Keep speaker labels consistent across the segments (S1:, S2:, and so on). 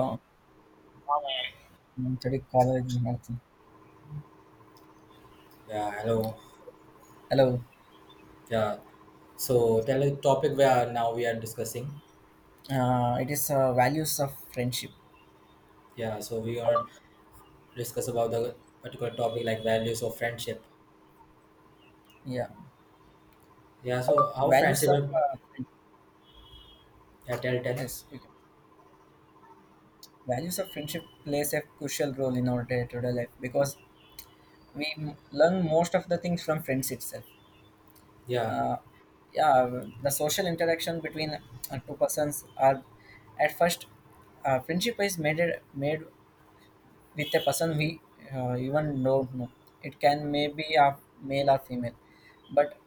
S1: I College and health.
S2: Yeah, hello.
S1: Hello.
S2: Yeah, so tell that is topic where now we are discussing.
S1: It is values of friendship.
S2: Yeah, so we're gonna discuss about the particular topic like values of friendship.
S1: Yeah,
S2: Yeah, so how
S1: values
S2: friendship,
S1: of
S2: yeah, tell, tell.
S1: yes, values of friendship plays a crucial role in our day-to-day life because we learn most of the things from friends itself.
S2: Yeah,
S1: Uh, yeah, the social interaction between two persons are at first friendship is made with a person we even don't know. It can maybe a male or female, but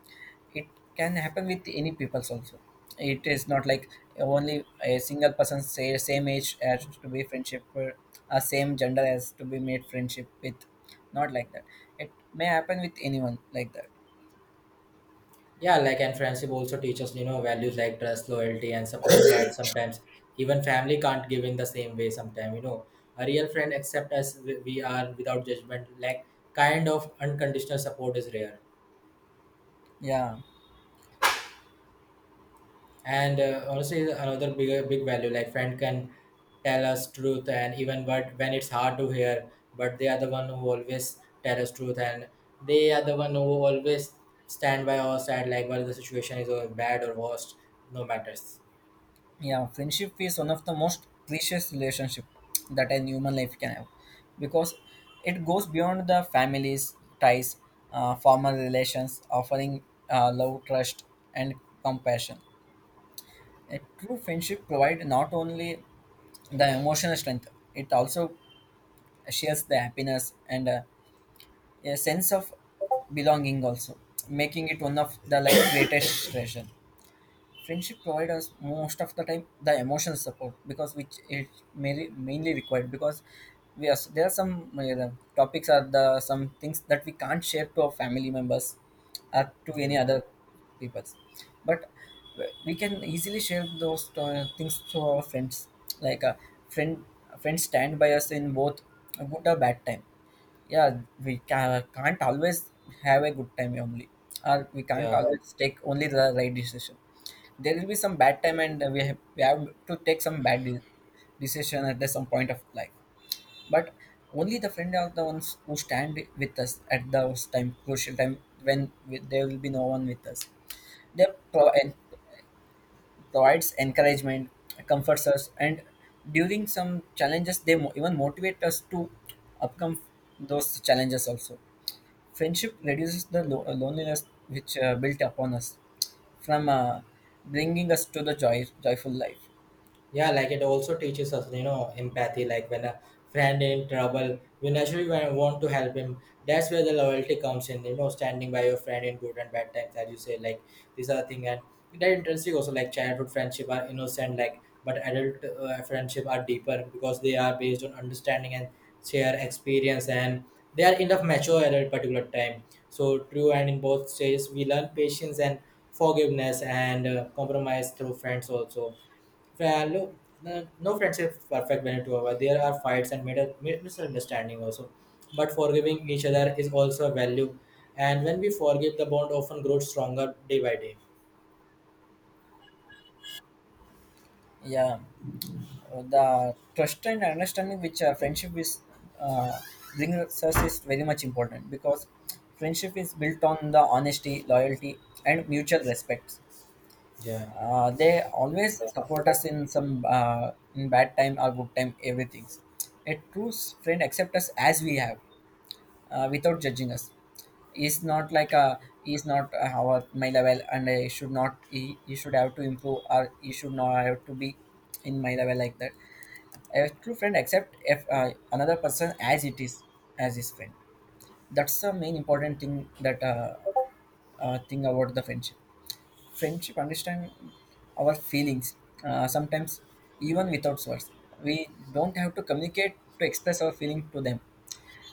S1: it can happen with any peoples also. It is not like only a single person say same age as to be friendship, or a same gender as to be made friendship with. Not like that. It may happen with anyone like that.
S2: yeah, like and friendship also teaches, you know, values like trust, loyalty, and support that sometimes even family can't give in the same way sometimes, you know. A real friend accepts us we are without judgment, like kind of unconditional support is rare.
S1: Yeah.
S2: And honestly is another big value like friend can tell us truth and even but when it's hard to hear, but they are the one who always tell us truth, and they are the one who always stand by our side, like whether the situation is bad or worst, no matters.
S1: Yeah, friendship is one of the most precious relationship that a human life can have because it goes beyond the families ties, formal relations, offering love, trust, and compassion. A true friendship provides not only the emotional strength, it also shares the happiness and a sense of belonging also, making it one of the like greatest treasure. Friendship provide us most of the time the emotional support because which it mainly required because we are there are some uh, topics are the some things that we can't share to our family members or to
S2: Yeah,
S1: any other people, but we can easily share those things to our friends like a friend friends stand by us in both a good or bad time, yeah. We can't always have a good time only, or we can't
S2: yeah.
S1: always take only the right decision. There will be some bad time and we have to take some decision at the some point of life, but only the friend are the ones who stand with us at those time crucial time when there will be no one with us. They pro- and provides encouragement, comforts us, and during some challenges they even motivate us to overcome those challenges also. Friendship reduces the loneliness which built upon us from bringing us to the joyful life.
S2: Yeah, like it also teaches us, you know, empathy. Like when a friend in trouble, you naturally want to help him. That's where the loyalty comes in, you know, standing by your friend in good and bad times, as you say. Like these are the thing, and that interesting also. Like childhood friendship are innocent, like but adult friendship are deeper because they are based on understanding and share experience, and they are enough mature at a particular time. So true, and in both stages, we learn patience and forgiveness and compromise through friends also. Value. No, no, no friendship is perfect when it over. There are fights and misunderstanding also. But forgiving each other is also a value. And when we forgive, the bond often grows stronger day by day.
S1: Yeah, the trust and understanding which friendship is uh, brings us is very much important because friendship is built on the honesty, loyalty, and mutual respect.
S2: Yeah.
S1: They always support us in some in bad time or good time, everything. A friend accepts us as we have, without judging us. Is not like a, is not our my level and I should not, he should have to improve or he should not have to be in my level, like that. A true friend accept if another person as it is, as his friend. That's the main important thing that thing about the friendship. Friendship understand our feelings sometimes even without words. We don't have to communicate to express our feeling to them.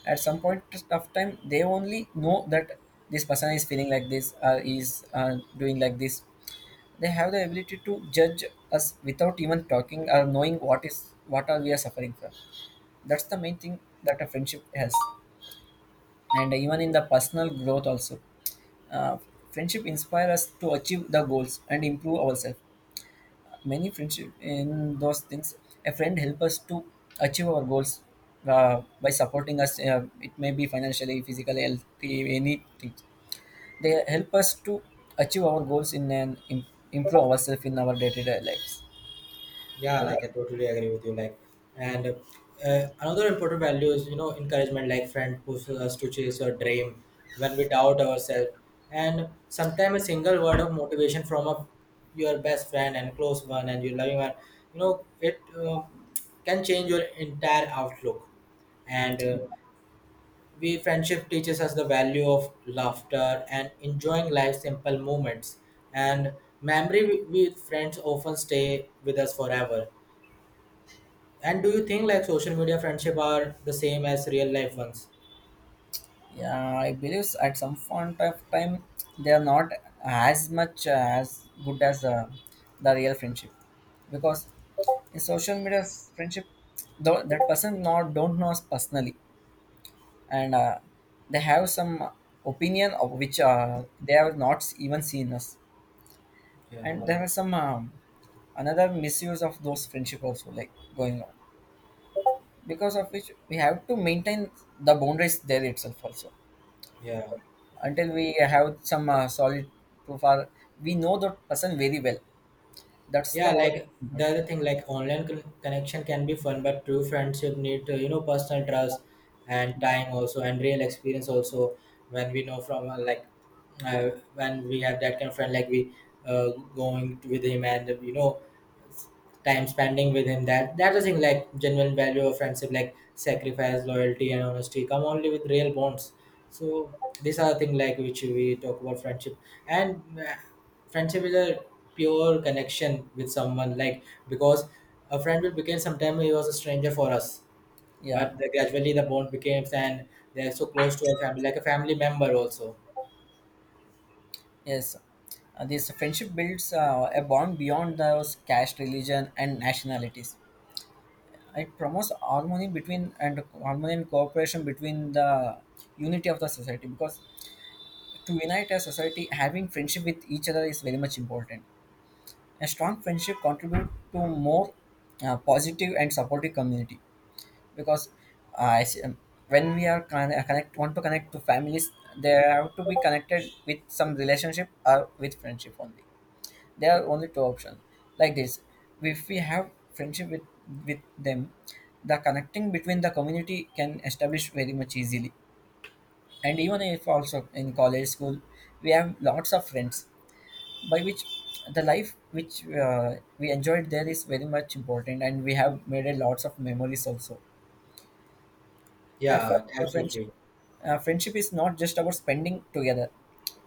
S1: At some point of time, they only know that this person is feeling like this or is doing like this. They have the ability to judge us without even talking or knowing what is what are we are suffering from. That's the main thing that a friendship has, and even in the personal growth also, uh, friendship inspire us to achieve the goals and improve ourselves. Many friendship in those things, a friend help us to achieve our goals by supporting us, it may be financially, physically, healthy, anything. They help us to achieve our goals in an improve ourselves in our day-to-day lives.
S2: Yeah, like I totally agree with you. Like, and another important value is, you know, encouragement. Like, friend pushes us to chase your dream when we doubt ourselves, and sometimes a single word of motivation from a your best friend and close one and your loving one, you know, it can change your entire outlook. And we friendship teaches us the value of laughter and enjoying life's simple moments. And memory with friends often stay with us forever. And do you think like social media friendship are the same as real life ones?
S1: Yeah, I believe at some point of time they are not as much as good as the real friendship, because in social media friendship, though that person not don't know us personally, and they have some opinion of which they have not even seen us,
S2: Yeah,
S1: and there are some another misuse of those friendship also like going on, because of which we have to maintain the boundaries there itself also,
S2: yeah,
S1: until we have some solid proof or we know the person very well. That's the
S2: yeah.
S1: moral
S2: Like the
S1: comfort.
S2: other thing, like online connection can be fun, but true friendship need you know, personal trust and time also, and real experience also. When we know from like when we have that kind of friend, like we uh, going to with him, and you know, time spending with him, that that's the thing, like genuine value of friendship like sacrifice, loyalty, and honesty come only with real bonds. So these are the thing like which we talk about friendship. And friendship is a pure connection with someone, like because a friend will become sometime he was a stranger for us,
S1: Yeah.
S2: but the, gradually the bond becomes, and they're so close to our family like a family member also.
S1: Yes. This friendship builds a bond beyond those caste, religion, and nationalities. It promotes harmony and cooperation between the unity of the society, because to unite a society having friendship with each other is very much important. A strong friendship contributes to more positive and supportive community, because I s- um, when we are con- connect want to connect to families, they have to be connected with some relationship or with friendship only. There are only two options. Like this, if we have friendship with them, the connecting between the community can establish very much easily. And even if also in college school, we have lots of friends, by which the life which we enjoyed there is very much important, and we have made a lots of memories also. At
S2: Yeah,
S1: first the friendship,
S2: absolutely.
S1: friendship is not just about spending together,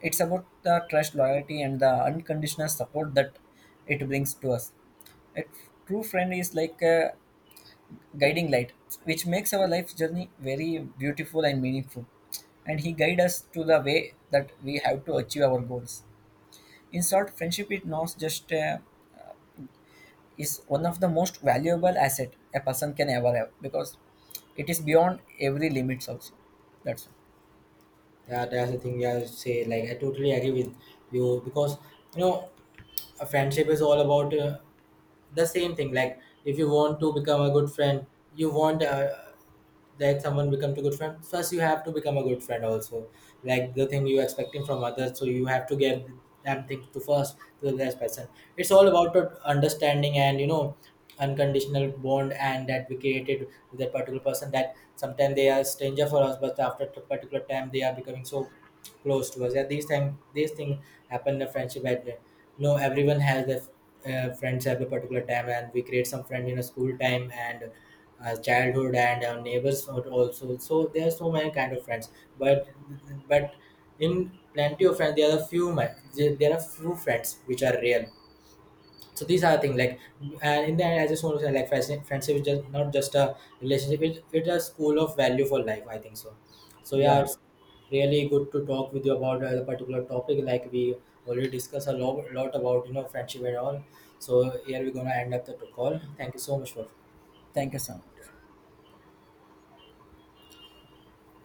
S1: it's about the trust, loyalty, and the unconditional support that it brings to us. A true friend is like a guiding light which makes our life journey very beautiful and meaningful, and he guides us to the way that we have to achieve our goals. In short, friendship is not just is one of the most valuable asset a person can ever have, because it is beyond every limits also. That's all.
S2: Yeah, that's the thing I say. Like, I totally agree with you because, you know, a friendship is all about the same thing, like if you want to become a good friend, you want that someone become a good friend, first you have to become a good friend also. Like the thing you expecting from others, so you have to give them things to first to the next person. It's all about the understanding and, you know, unconditional bond and that we created with that particular person, that sometimes they are stranger for us but after a particular time they are becoming so close to us. Yeah, these time these thing happen in a friendship at no, everyone has their friends at a particular time, and we create some friend in a school time and childhood and neighbors also. So there are so many kind of friends, but but in plenty of friends there are few friends which are real. So these are the things like, and in the end I just want to say like friendship is just not just a relationship, it's a school of value for life, I think so. So yeah,
S1: Yeah,
S2: it's really good to talk with you about a particular topic. Like, we already discussed a lot about, you know, friendship and all. So here we're gonna end up the call. Thank you so much for
S1: thank you, Sam.